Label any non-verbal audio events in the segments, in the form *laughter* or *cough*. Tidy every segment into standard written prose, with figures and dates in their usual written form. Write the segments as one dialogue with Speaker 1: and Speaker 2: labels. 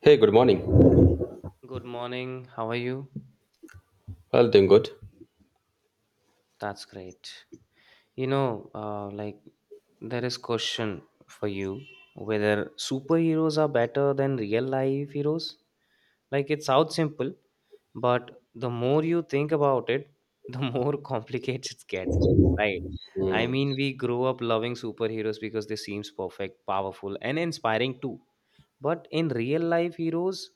Speaker 1: Hey, good morning.
Speaker 2: Good morning. How are you?
Speaker 1: Well, doing good.
Speaker 2: That's great. Like there is question for you whether superheroes are better than real life heroes. Like it sounds simple, but the more you think about it, the *laughs* more complicated it gets. Right. I
Speaker 1: Mm.
Speaker 2: mean, we grow up loving superheroes because they seems perfect, powerful, and inspiring too. But in real life heroes,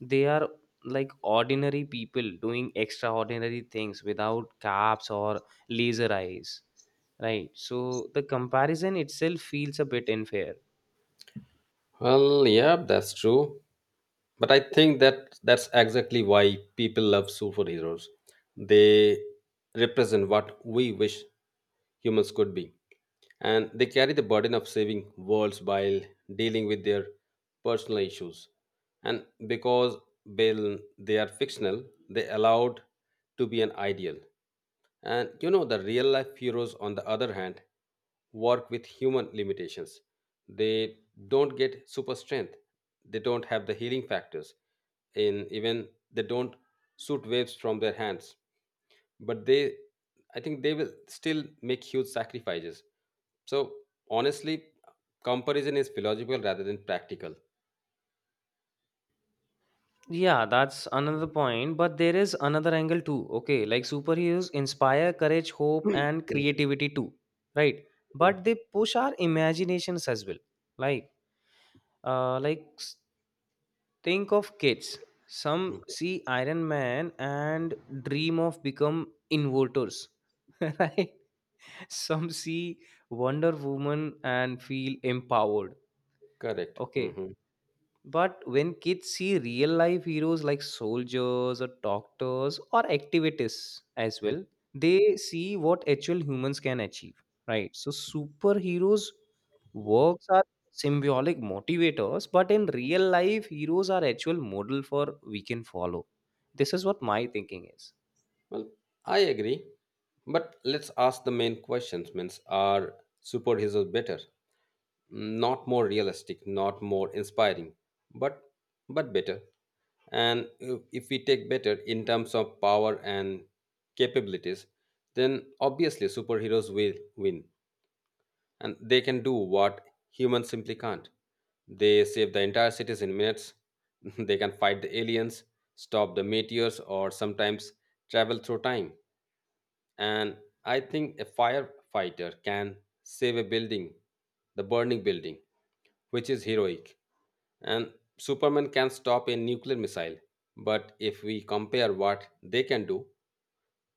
Speaker 2: they are like ordinary people doing extraordinary things without caps or laser eyes. Right. So the comparison itself feels a bit unfair.
Speaker 1: Well, yeah, that's true. But I think that that's exactly why people love superheroes. They represent what we wish humans could be. And they carry the burden of saving worlds while dealing with their personal issues. And because they they are fictional, they allowed to be an ideal. And the real life heroes, on the other hand, work with human limitations. They don't get super strength, they don't have the healing factors, and even they don't shoot waves from their hands. But they, I think, they will still make huge sacrifices. So, honestly, comparison is philosophical rather than practical.
Speaker 2: Yeah, that's another point. But there is another angle too. Okay. Like superheroes inspire courage, hope, and creativity too. Right.
Speaker 1: Mhm.
Speaker 2: But they push our imaginations as well. Like, like think of kids. Some
Speaker 1: Mhm.
Speaker 2: see Iron Man and dream of become inverters. *laughs* Right. Some see Wonder Woman and feel empowered.
Speaker 1: Correct.
Speaker 2: Okay.
Speaker 1: Mhm.
Speaker 2: But when kids see real life heroes like soldiers or doctors or activists as well, they see what actual humans can achieve, right? So superheroes' works are symbolic motivators, but in real life, heroes are actual model for we can follow. This is what my thinking is.
Speaker 1: Well, I agree. But let's ask the main questions means are superheroes better? Not more realistic, not more inspiring, but but better. And if we take better in terms of power and capabilities, then obviously superheroes will win. And they can do what humans simply can't. They save the entire cities in minutes. *laughs* They can fight the aliens, stop the meteors, or sometimes travel through time. And I think a firefighter can save a building, the burning building, which is heroic, and Superman can stop a nuclear missile. But if we compare what they can do,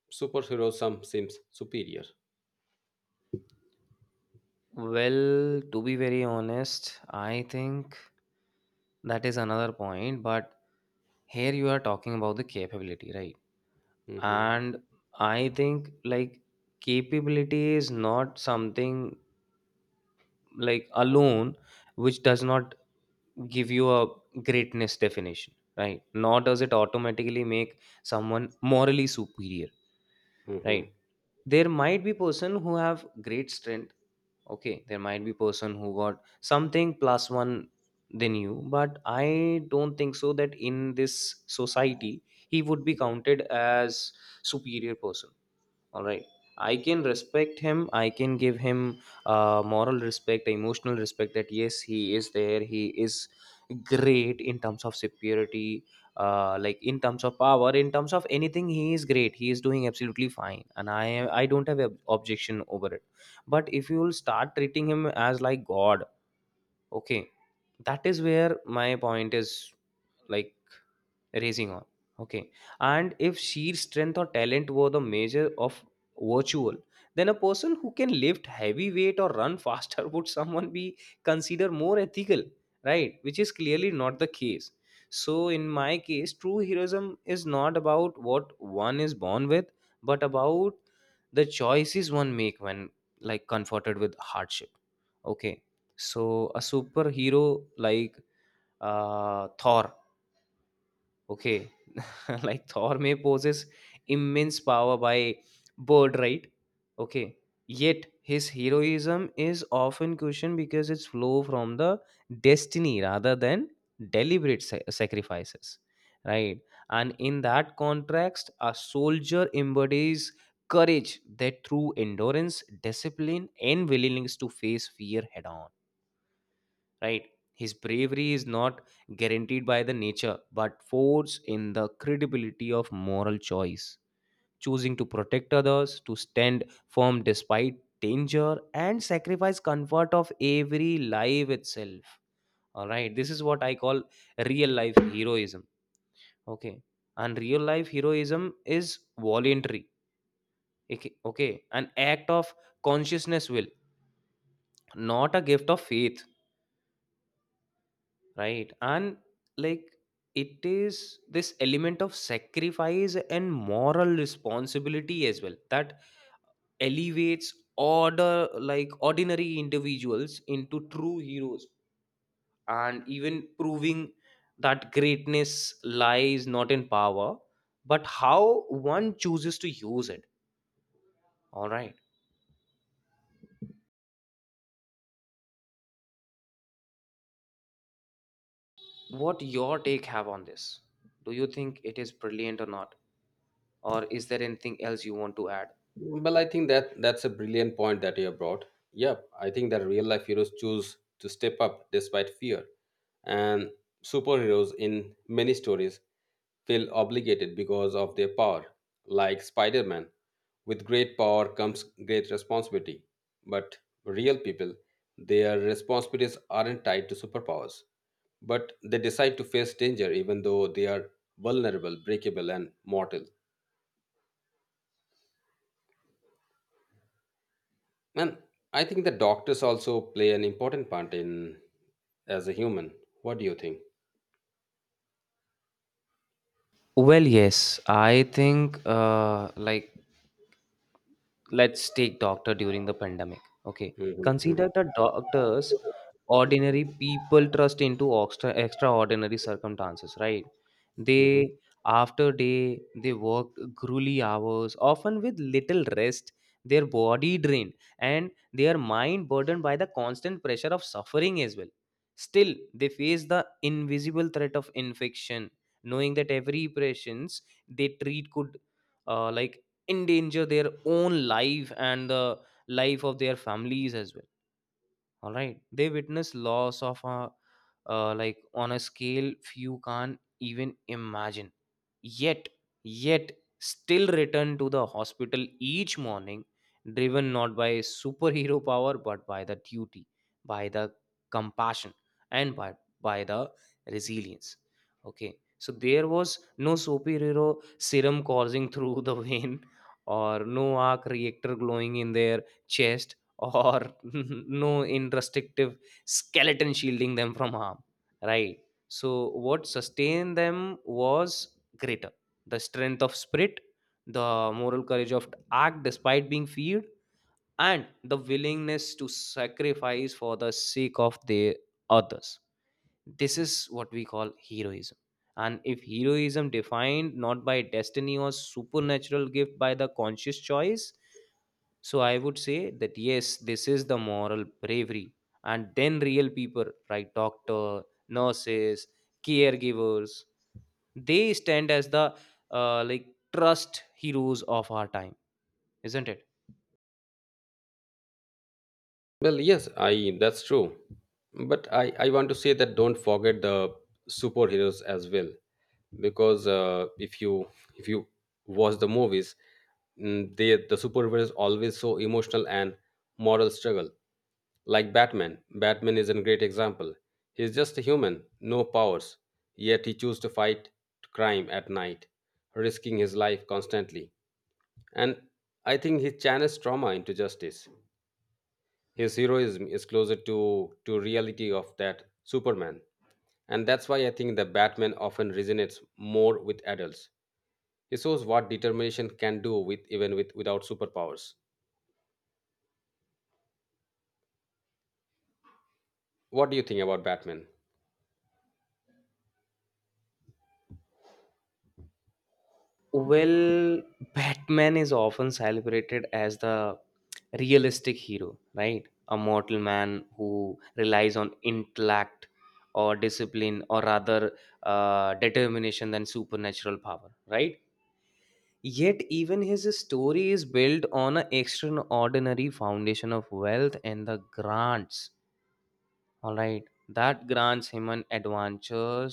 Speaker 1: superhero some seems superior.
Speaker 2: Well, to be very honest, I think that is another point. But here you are talking about the capability, right?
Speaker 1: Mhm.
Speaker 2: And I think like capability is not something like alone, which does not give you a greatness definition, right? Nor does it automatically make someone morally superior, right?
Speaker 1: Mhm.
Speaker 2: There might be person who have great strength. Okay, there might be person who got something plus one than you, but I don't think so that in this society he would be counted as superior person. All right. I can respect him, I can give him moral respect, emotional respect, that yes he is there, he is great in terms of superiority, like in terms of power in terms of anything. He is great, he is doing absolutely fine, and I don't have an objection over it. But if you will start treating him as like god. Okay, that is where my point is. Like, Raising on. Okay. And if sheer strength or talent were the measure of virtual, then a person who can lift heavy weight or run faster *laughs* would someone be considered more ethical, right? Which is clearly not the case. So in my case, true heroism is not about what one is born with, but about the choices one make when, like, confronted with hardship. Okay. So a superhero like Thor. Okay. *laughs* Like Thor may possess immense power by bird, right? Okay. Yet his heroism is often questioned because it's flow from the destiny rather than deliberate sacrifices, right? And in that context, a soldier embodies courage that through endurance, discipline, and willingness to face fear head on, right? His bravery is not guaranteed by the nature but forged in the credibility of moral choice, choosing to protect others, to stand firm despite danger, and sacrifice comfort of every life itself. All right, this is what I call real life heroism. Okay. And real life heroism is voluntary. Okay. Okay, an act of consciousness will, not a gift of faith, right? And like it is this element of sacrifice and moral responsibility as well that elevates order like ordinary individuals into true heroes, and even proving that greatness lies not in power but how one chooses to use it. All right. What your take have on this? Do you think it is brilliant or not? Or is there anything else you want to add?
Speaker 1: Well, I think that that's a brilliant point that you have brought. Yep, I think that real life heroes choose to step up despite fear, and superheroes in many stories feel obligated because of their power, like Spider Man. With great power comes great responsibility, but real people, their responsibilities aren't tied to superpowers, but they decide to face danger even though they are vulnerable, breakable, and mortal. And I think the doctors also play an important part in as a human. What do you think?
Speaker 2: Well, yes, I think like let's take doctor during the pandemic. Okay.
Speaker 1: Mhm, mhm,
Speaker 2: Consider the doctors, ordinary people trust into extra extraordinary circumstances, right? They
Speaker 1: mhm.
Speaker 2: after day they work grueling hours often with little rest, their body drained and their mind burdened by the constant pressure of suffering as well. Still they face the invisible threat of infection, knowing that every patients they treat could like endanger their own life and the life of their families as well. All right, they witness loss of a like on a scale few can't even imagine. Yet yet still return to the hospital each morning, driven not by superhero *laughs* power but by the duty, by the compassion, and by the resilience. Okay. So there was no superhero serum coursing *laughs* through the vein, or no arc reactor glowing in their chest, or *laughs* no indestructive skeleton shielding them from harm, right? So what sustained them was greater. The strength of spirit, the moral courage of act despite being feared, and the willingness to sacrifice for the sake of the others. This is what we call heroism. And if heroism defined not by destiny or supernatural gift by the conscious choice, so I would say that yes, this is the moral bravery. And then real people, right? Doctor, nurses, caregivers, they stand as the like trust heroes of our time, isn't it?
Speaker 1: Well, yes, I that's true. But I want to say that don't forget the superheroes as well. Because if you watch the movies, the superhero is always so emotional and moral struggle, like Batman is a great example. He's just a human, no powers, yet he chose to fight crime at night, risking his life constantly. And I think he channels trauma into justice. His heroism is closer to reality of that Superman, and that's why I think the Batman often resonates more with adults. It shows what determination can do with even with without superpowers. What do you think about Batman?
Speaker 2: Well, Batman is often celebrated as the realistic hero, right? A mortal man who relies on intellect or discipline or rather determination than supernatural power, right? Yet even his story is built on an extraordinary foundation of wealth and the grants. All right, that grants him an adventure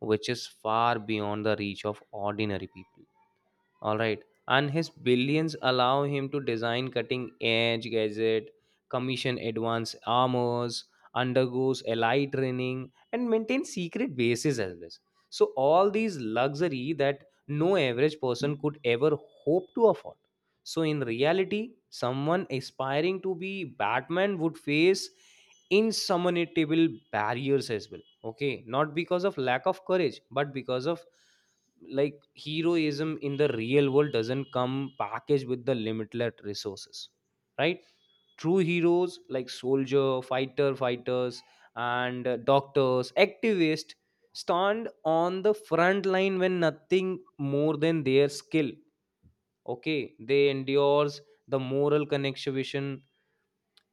Speaker 2: which is far beyond the reach of ordinary people. All right. And his billions allow him to design cutting edge gadget, commission advanced armors, undergoes ally training, and maintain secret bases as well. So all these luxury that no average person could ever hope to afford. So in reality, someone aspiring to be Batman would face insurmountable barriers as well. Okay, not because of lack of courage, but because of, like, heroism in the real world doesn't come packaged with the limitless resources, right? True heroes like soldier fighters and doctors activists stand on the front line when nothing more than their skill. Okay, they endures the moral connection.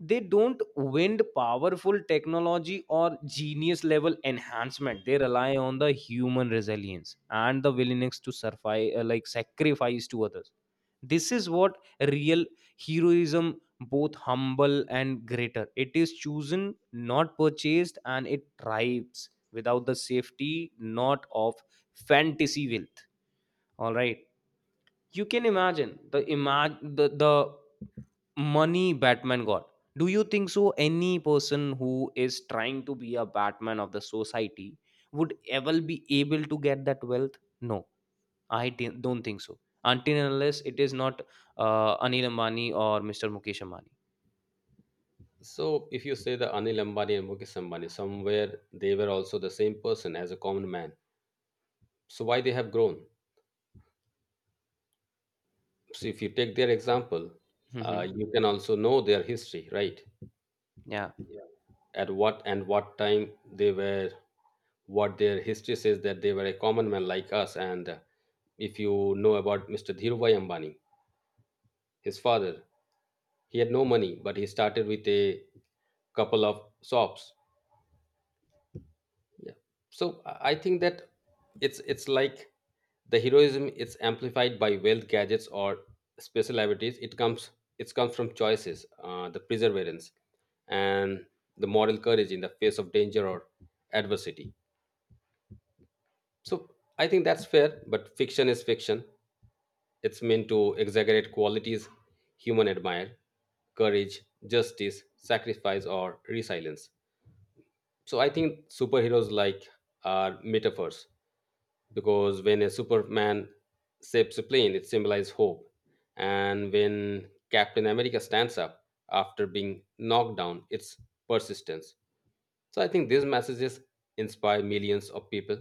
Speaker 2: They don't wind powerful technology or genius level enhancement. They rely on the human resilience and the willingness to survive, like sacrifice to others. This is what real heroism, both humble and greater. It is chosen not purchased, and it thrives without the safety not of fantasy wealth. All right. You can imagine the money Batman got. Do you think so any person who is trying to be a Batman of the society would ever be able to get that wealth? No, I don't think so, until and unless it is not Anil Ambani or Mr. Mukesh Ambani.
Speaker 1: So, if you say the Anil Ambani and Mukesh Ambani, somewhere they were also the same person as a common man. So, why they have grown? So, if you take their example,
Speaker 2: Hmm.
Speaker 1: you can also know their history, right?
Speaker 2: Yeah.
Speaker 1: Yeah. At what and what time they were, what their history says that they were a common man like us. And if you know about Mr. Dhirubhai Ambani, his father, he had no money, but he started with a couple of shops. Yeah. So I think that it's like the heroism, it's amplified by wealth, gadgets, or special abilities. It's comes from choices, the perseverance and the moral courage in the face of danger or adversity. So I think that's fair, but fiction is fiction. It's meant to exaggerate qualities human admire, courage, justice, sacrifice, or resilience. So I think superheroes like are metaphors, because when a Superman saves a plane, it symbolizes hope, and when Captain America stands up after being knocked down, it's persistence. So I think these messages inspire millions of people.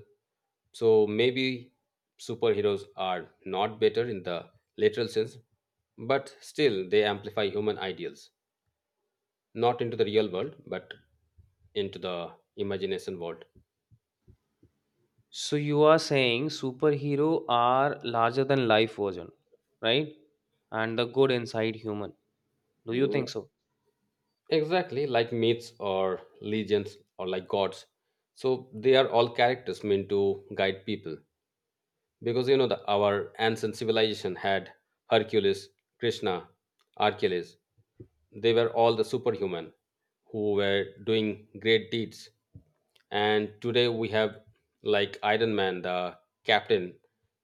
Speaker 1: So maybe superheroes are not better in the literal sense, but still they amplify human ideals, not into the real world but into the imagination world.
Speaker 2: So you are saying superhero are larger than life version, right? And the good inside human, do you think so?
Speaker 1: Exactly, like myths or legends or like gods. So they are all characters meant to guide people. Because you know the our ancient civilization had Hercules, Krishna, Achilles. They were all the superhuman who were doing great deeds. And today we have like Iron Man, the Captain,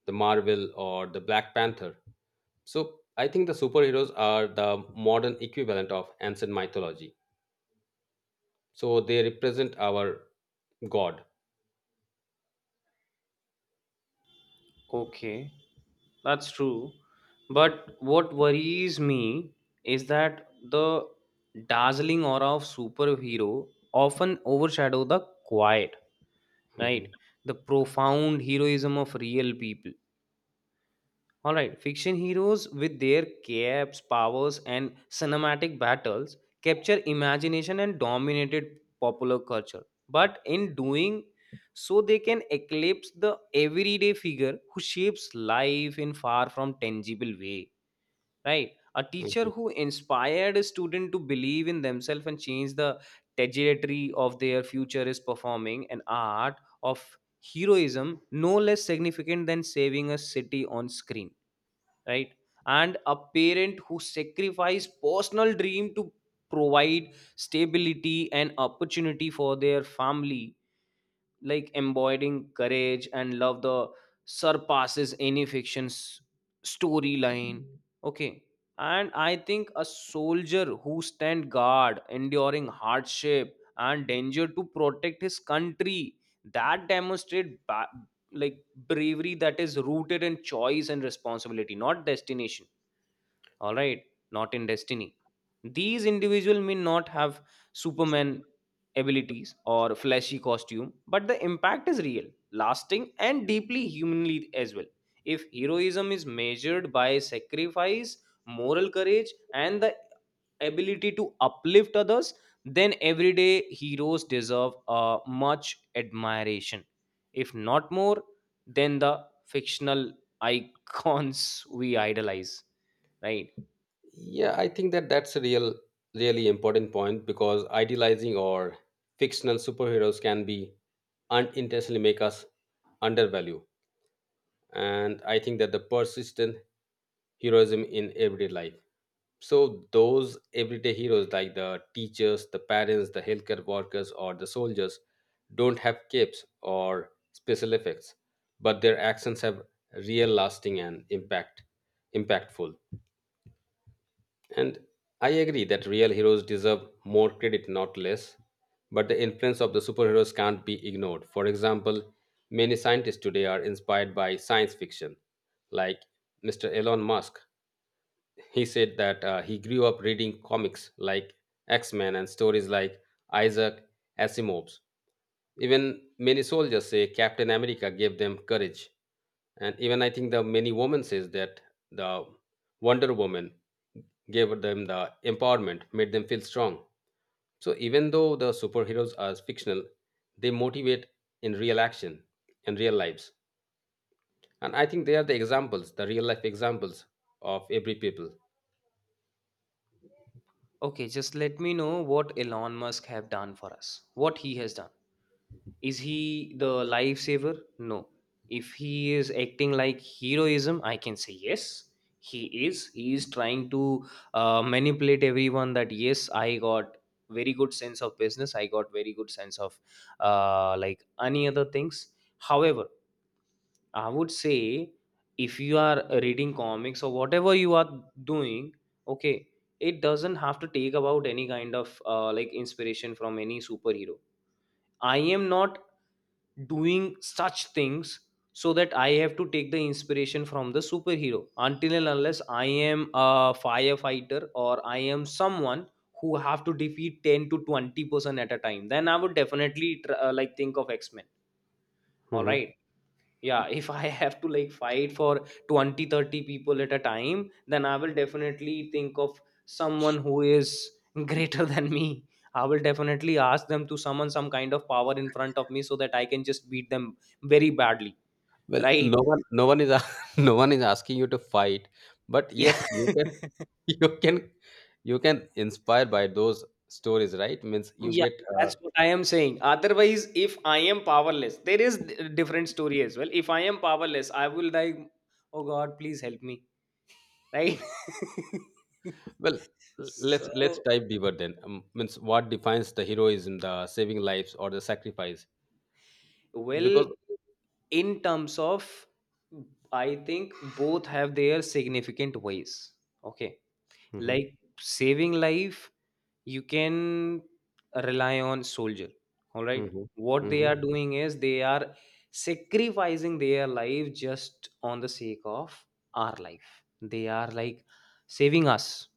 Speaker 1: the Marvel, or the Black Panther. So I think the superheroes are the modern equivalent of ancient mythology, so they represent our god.
Speaker 2: Okay, that's true. But what worries me is that the dazzling aura of superhero often overshadow the quiet, right?
Speaker 1: Mhm,
Speaker 2: The profound heroism of real people. All right, fiction heroes with their caps, powers, and cinematic battles capture imagination and dominated popular culture. But in doing so, they can eclipse the everyday figure who shapes life in far from tangible way. Right, a teacher
Speaker 1: mhm.
Speaker 2: who inspired a student to believe in themselves and change the trajectory of their future is performing an art of heroism no less significant than saving a city on screen, right? And a parent who sacrifice personal dream to provide stability and opportunity for their family, like embodying courage and love the surpasses any fiction's storyline. Okay. And I think a soldier who stand guard enduring hardship and danger to protect his country, that demonstrate like bravery that is rooted in choice and responsibility, not destination. All right, not in destiny. These individuals may not have Superman abilities or flashy costume, but the impact is real, lasting, and deeply humanly as well. If heroism is measured by sacrifice, moral courage, and the ability to uplift others, then everyday heroes deserve a much admiration, if not more, than the fictional *laughs* icons we idolize, right?
Speaker 1: Yeah, I think that that's a really important point, because idealizing or fictional superheroes can be unintentionally make us undervalue. And I think that the persistent heroism in everyday life, so those everyday heroes like the teachers, the parents, the healthcare workers, or the soldiers don't have capes or special effects, but their actions have real lasting and impactful. And I agree that real heroes deserve more credit, not less. But the influence of the superheroes can't be ignored. For example, many scientists today are inspired by science fiction. Like Mr. Elon Musk, he said that he grew up reading comics like X Men and stories like Isaac Asimov's. Even many soldiers say Captain America gave them courage. And even I think the many women says that the Wonder Woman gave them the empowerment, made them feel strong. So even though the superheroes are fictional, they motivate in real action, in real lives. And I think they are the examples, the real life examples of every people.
Speaker 2: Okay, just let me know what Elon Musk have done for us. What he has done. Is he the lifesaver? No. If he is acting like heroism, I can say yes. He is. He is trying to manipulate everyone that yes, I got very good sense of business. I got very good sense of like any other things. However, I would say if you are reading comics or whatever you are doing, okay, it doesn't have to take about any kind of like inspiration from any superhero. I am not doing such things so that I have to take the inspiration from the superhero until and unless I am a firefighter or I am someone who have to defeat 10 to 20% at a time, then I would definitely like think of X-Men. All
Speaker 1: Mhm.
Speaker 2: right. Yeah, if I have to like fight for 20, 30 people at a time, then I will definitely think of someone who is *laughs* greater than me. I will definitely ask them to summon some kind of power in front of me so that I can just beat them very badly,
Speaker 1: Well,
Speaker 2: right?
Speaker 1: no one is, *laughs* no one is asking you to fight, but
Speaker 2: Yeah.
Speaker 1: yes, you can,
Speaker 2: *laughs*
Speaker 1: *laughs* you can, you can inspire by those stories, right? Means you
Speaker 2: Yeah,
Speaker 1: get,
Speaker 2: that's what I am saying. Otherwise, if I am powerless, there is different story as well. If I am powerless, I will like, oh God, please help me, right. *laughs*
Speaker 1: well, let's
Speaker 2: So
Speaker 1: dive deeper then. Means what defines the heroism, the saving lives, or the sacrifice?
Speaker 2: well,
Speaker 1: Because
Speaker 2: in terms of, I think both have their significant ways. Okay.
Speaker 1: hmm
Speaker 2: Like saving life, you can rely on soldier. All
Speaker 1: hmm
Speaker 2: right. What they
Speaker 1: hmm
Speaker 2: are doing is they are sacrificing their life just on the sake of our life. They are like saving us.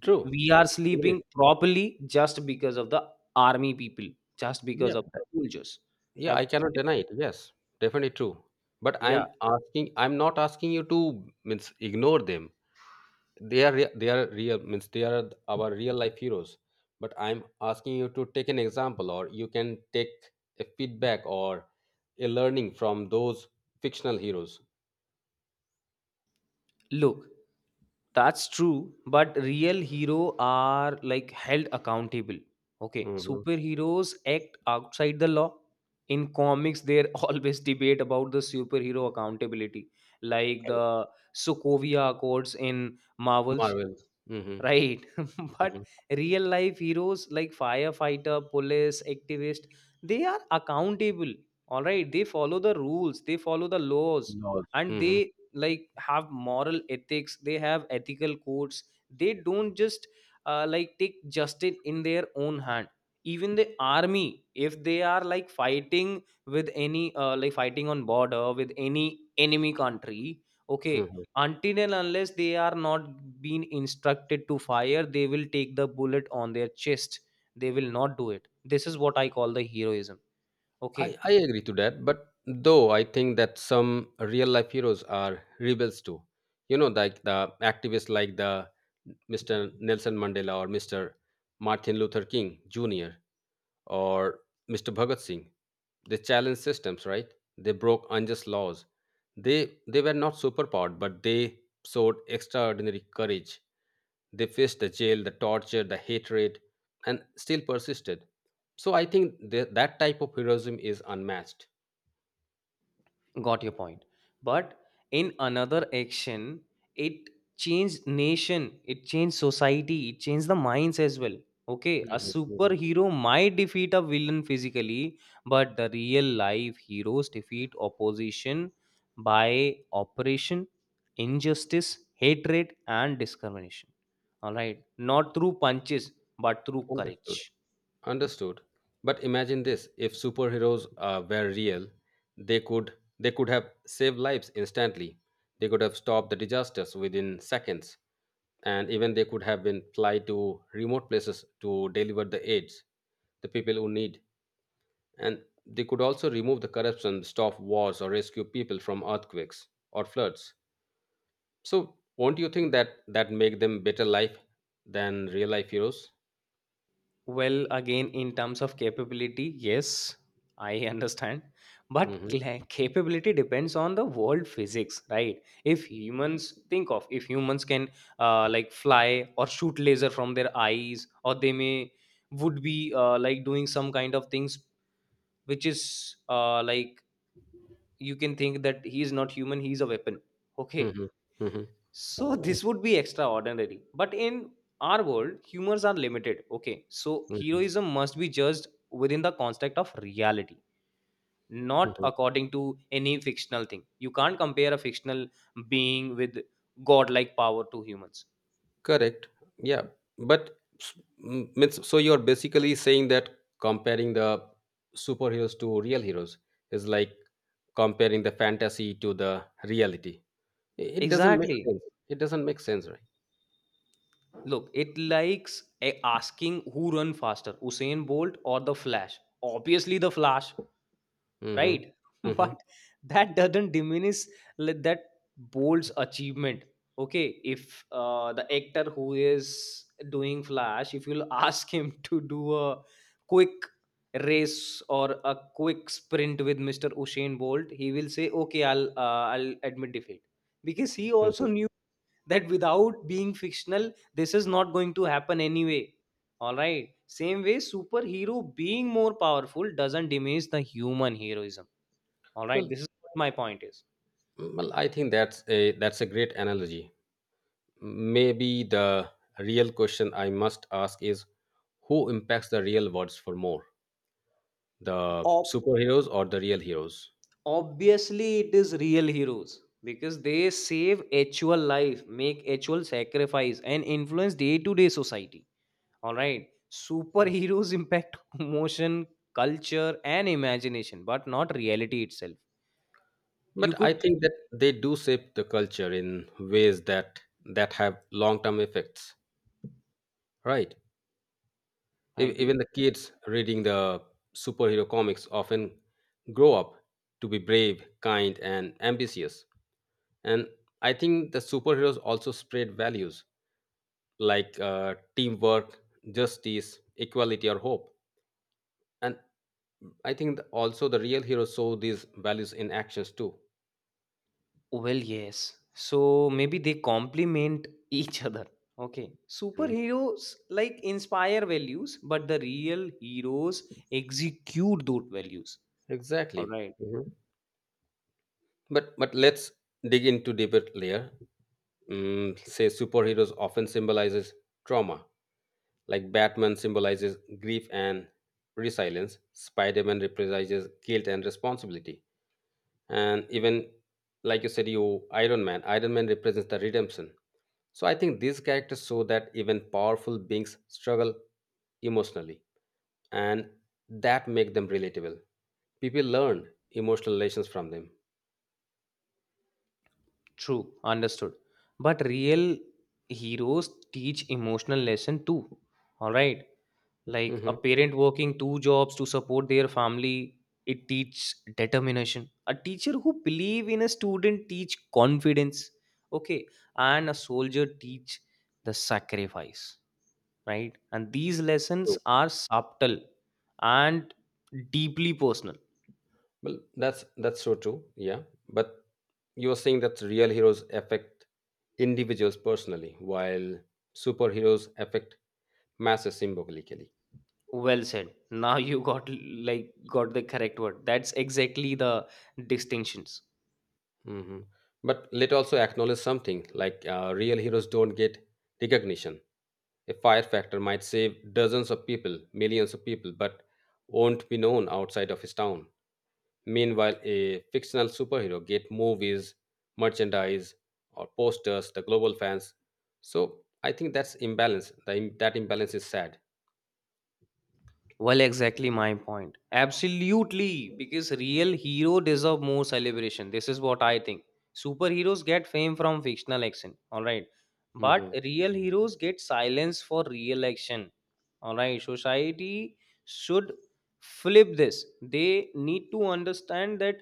Speaker 1: True.
Speaker 2: We are
Speaker 1: Agreed.
Speaker 2: sleeping properly just because of the army people, just
Speaker 1: Yeah.
Speaker 2: because of soldiers.
Speaker 1: Yeah. I cannot
Speaker 2: Isn't it?
Speaker 1: deny it. Yes. Definitely true. But
Speaker 2: Yeah.
Speaker 1: I'm asking. I'm not asking you to means ignore them. They are real. Means they are our real life heroes. But I'm asking you to take an example, or you can take a feedback or a learning from those fictional heroes.
Speaker 2: Look, that's true, but real hero are like held accountable. Okay,
Speaker 1: Mm-hmm.
Speaker 2: superheroes act outside the law. In comics, there *laughs* always debate about the superhero accountability, like the Sokovia Accords in Marvels.
Speaker 1: Marvel. Mm-hmm.
Speaker 2: Right. *laughs* But
Speaker 1: Mm-hmm.
Speaker 2: real life heroes like firefighter, police, activist, they are accountable. All right. They follow the rules, they follow the laws,
Speaker 1: Laws.
Speaker 2: and
Speaker 1: Mm-hmm.
Speaker 2: they like have moral ethics, they have ethical codes. They don't just like take justice in their own hand. Even the army, if they are like fighting with any fighting on border with any enemy country, okay, until and unless they are not being instructed to fire, they will take the bullet on their chest. They will not do it. This is what I call the heroism.
Speaker 1: I,
Speaker 2: Okay.
Speaker 1: I agree to that, but though I think that some real life heroes are rebels too. Like the activists, like the Mr. Nelson Mandela or Mr. Martin Luther King Jr. or Mr. Bhagat Singh. They challenged systems, right? They broke unjust laws. They were not superpowered, but they showed extraordinary courage. They faced the jail, the torture, the hatred, and still persisted. So I think that that type of heroism is unmatched.
Speaker 2: Got your point, but in another action, it changed nation, it changed society, it changed the minds as well. Okay, a
Speaker 1: Mhm, mhm.
Speaker 2: superhero might defeat a villain physically, but the real life heroes defeat opposition by operation, injustice, hatred and discrimination. All right, not through punches, but through courage.
Speaker 1: Understood. Understood. But imagine this, if superheroes were real, they could they could have saved lives instantly. They could have stopped the disasters within seconds, and even they could have been fly to remote places to deliver the aids the people who need. And they could also remove the corruption, stop wars, or rescue people from earthquakes or floods. So, won't you think that that make them better life than real life heroes?
Speaker 2: Well, again, in terms of capability, yes, I *laughs* understand. But
Speaker 1: hmm
Speaker 2: capability depends on the world physics, right? If humans, think of if humans can like fly or shoot laser from their eyes, or they may would be like doing some kind of things which is like, you can think that he is not human, he is a weapon. Okay,
Speaker 1: hmm hmm
Speaker 2: so this would be extraordinary. But in our world, humors are limited. Okay. So
Speaker 1: Mhm,
Speaker 2: heroism must be judged within the construct of reality, not
Speaker 1: mhm.
Speaker 2: according to any fictional thing. You can't compare a fictional being with godlike power to humans.
Speaker 1: Correct. Yeah. But means so you're basically saying that comparing the superheroes to real heroes is like comparing the fantasy to the reality. It doesn't make
Speaker 2: Exactly.
Speaker 1: sense. It doesn't make sense, right?
Speaker 2: Look, it likes asking who run faster, Usain Bolt or the Flash. Obviously, the Flash.
Speaker 1: hmm
Speaker 2: Right. *laughs*
Speaker 1: hmm
Speaker 2: But that doesn't diminish li- that Bolt's achievement. Okay, if the actor who is doing flash, if you'll ask him *laughs* to do a quick race or a quick sprint with Mr. Usain Bolt, he will say, okay, I'll admit defeat, because he
Speaker 1: hmm
Speaker 2: also knew that without being fictional this is not going to happen anyway. All right, same way superhero being more powerful doesn't diminish the human heroism. All right,
Speaker 1: Well,
Speaker 2: this is what my point is.
Speaker 1: I think that's a great analogy. Maybe the real question I must ask is, who impacts the real worlds for more, the
Speaker 2: Ob-
Speaker 1: superheroes or the real heroes?
Speaker 2: Obviously it is real heroes, because they save actual life, make actual sacrifice and influence day-to-day society. All right, superheroes impact *laughs* emotion, culture and imagination, but not reality itself.
Speaker 1: But
Speaker 2: You could
Speaker 1: I
Speaker 2: it
Speaker 1: think that they do shape the culture in ways that have long-term effects, right? E-
Speaker 2: might
Speaker 1: Even
Speaker 2: be.
Speaker 1: the kids reading the superhero comics often grow up to be brave, kind, and ambitious. And I think the superheroes also spread values like teamwork, justice, equality, or hope. And I think also the real heroes show these values in actions too.
Speaker 2: Well, yes, so maybe they complement *laughs* each other. Okay,
Speaker 1: Mhm.
Speaker 2: superheroes like inspire values, but the real heroes execute those values. All
Speaker 1: Exactly.
Speaker 2: right.
Speaker 1: Mhm. But let's dig into deeper layer. Say superheroes often symbolizes trauma, like Batman symbolizes grief and resilience, Spider-Man represents guilt and responsibility, and even like you said, you Iron Man. Iron Man represents the redemption. So I think these characters show that even powerful beings struggle emotionally, and that make them relatable. People learn emotional lessons from them.
Speaker 2: True. Understood. But real heroes teach emotional lesson too. All right. Like a
Speaker 1: hmm
Speaker 2: parent working two jobs to support their family, it teaches determination. A teacher who believe in a student teach confidence. Okay. And a soldier teach the sacrifice. Right. And these lessons
Speaker 1: True.
Speaker 2: are subtle and deeply personal.
Speaker 1: Well, that's so true. Yeah, but you were saying that real heroes affect individuals personally, while superheroes affect masses symbolically.
Speaker 2: Well said. Now you got like got the correct word. That's exactly the distinctions.
Speaker 1: Mhm. But let also acknowledge something like real heroes don't get recognition. A firefactor might save dozens of people, millions of people, but won't be known outside of his town. Meanwhile, a fictional superhero get movies, merchandise, or posters, the global fans. So I think that's imbalance. That imbalance is sad.
Speaker 2: Well, exactly my point. Absolutely, because real hero deserve more celebration. This is what I think. Superheroes get fame from fictional action, all right, but
Speaker 1: Mhm.
Speaker 2: real heroes get silence for real action, all right. Society should flip this. They need to understand that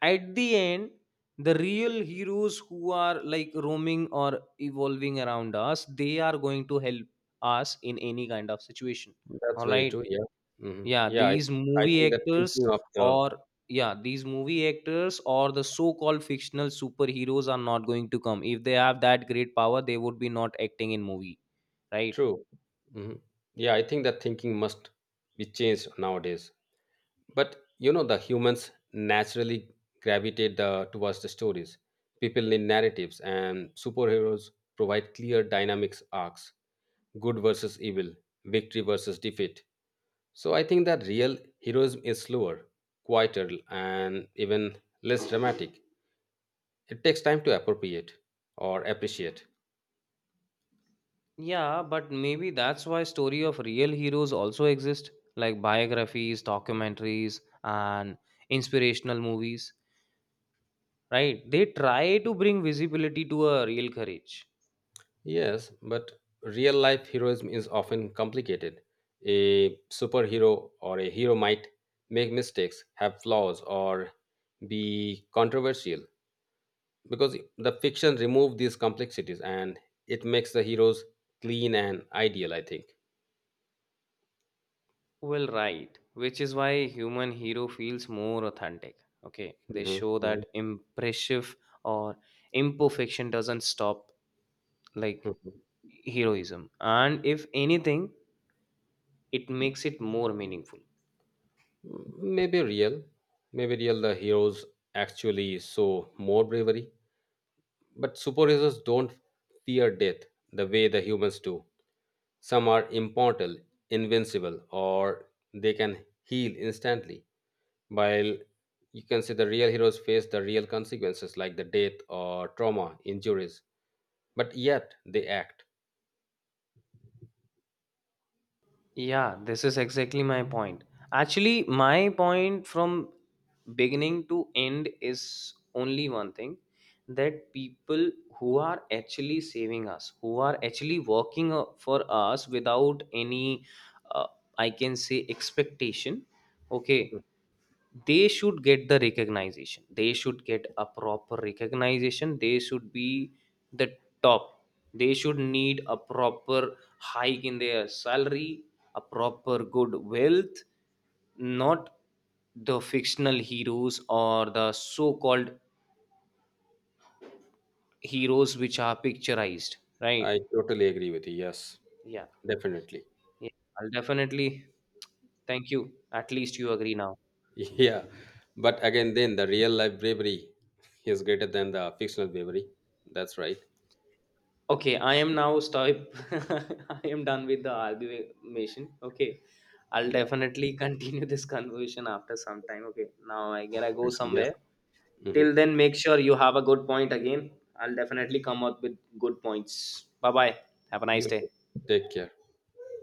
Speaker 2: at the end, the real heroes who are like roaming or evolving around us, they are going to help us in any kind of situation,
Speaker 1: That's
Speaker 2: all
Speaker 1: very
Speaker 2: right.
Speaker 1: true. Yeah.
Speaker 2: yeah
Speaker 1: Yeah.
Speaker 2: these
Speaker 1: I
Speaker 2: movie
Speaker 1: think that
Speaker 2: actors
Speaker 1: thinking of the
Speaker 2: or yeah, these movie actors or the so-called fictional superheroes are not going to come. If they have that great power, they would be not acting in movie, right.
Speaker 1: true. hmm Yeah. I think that thinking must be changed nowadays. But the humans naturally gravitate towards the stories. People need narratives, and superheroes provide clear dynamics arcs: good versus evil, victory versus defeat. So I think that real heroism is slower, quieter, and even less dramatic. It takes time to appropriate or appreciate.
Speaker 2: Yeah, but maybe that's why story of real heroes also exist, like biographies, documentaries, and inspirational movies, right? They try to bring visibility to a real courage.
Speaker 1: Yes, but real life heroism is often complicated. A superhero or a hero might make mistakes, have flaws, or be controversial, because the fiction removes these complexities and it makes the heroes clean and ideal, I think.
Speaker 2: Well, right, which is why human hero feels more authentic. Okay, they
Speaker 1: Mhm,
Speaker 2: show
Speaker 1: mhm,
Speaker 2: that impressive or imperfection doesn't stop like
Speaker 1: mhm.
Speaker 2: heroism, and if anything, it makes it more meaningful.
Speaker 1: Maybe real, Maybe real the heroes actually show more bravery, but superheroes don't fear death the way the humans do. Some are immortal, invincible, or they can heal instantly, while you can see the real heroes face the real consequences, like the death or trauma, injuries, but yet they act.
Speaker 2: Yeah, this is exactly my point. Actually, my point from beginning to end is only one thing, that people who are actually saving us, who are actually working for us without any, uh, I can say, expectation, okay, they should get the recognition, they should get a proper recognition, they should be the top, they should need a proper hike in their salary, a proper good wealth, not the fictional heroes or the so-called heroes which are picturized, right.
Speaker 1: I totally agree with you. Yes,
Speaker 2: Yeah.
Speaker 1: definitely. *laughs*
Speaker 2: Yeah, I'll definitely thank you, at least you agree now.
Speaker 1: Yeah.
Speaker 2: Yeah.
Speaker 1: But again, then the real life bravery is greater than the fictional bravery. That's right.
Speaker 2: Okay, I am now stop. *laughs* I am done with the argument. Okay, I'll
Speaker 1: Yeah.
Speaker 2: definitely *laughs* continue this conversation after some time. Okay, now I gotta go
Speaker 1: Definitely. Yeah.
Speaker 2: somewhere.
Speaker 1: hmm
Speaker 2: Till then, make sure you have a good point again. I'll definitely come up with good points. Bye bye. Have a nice
Speaker 1: You
Speaker 2: day.
Speaker 1: too. Take care.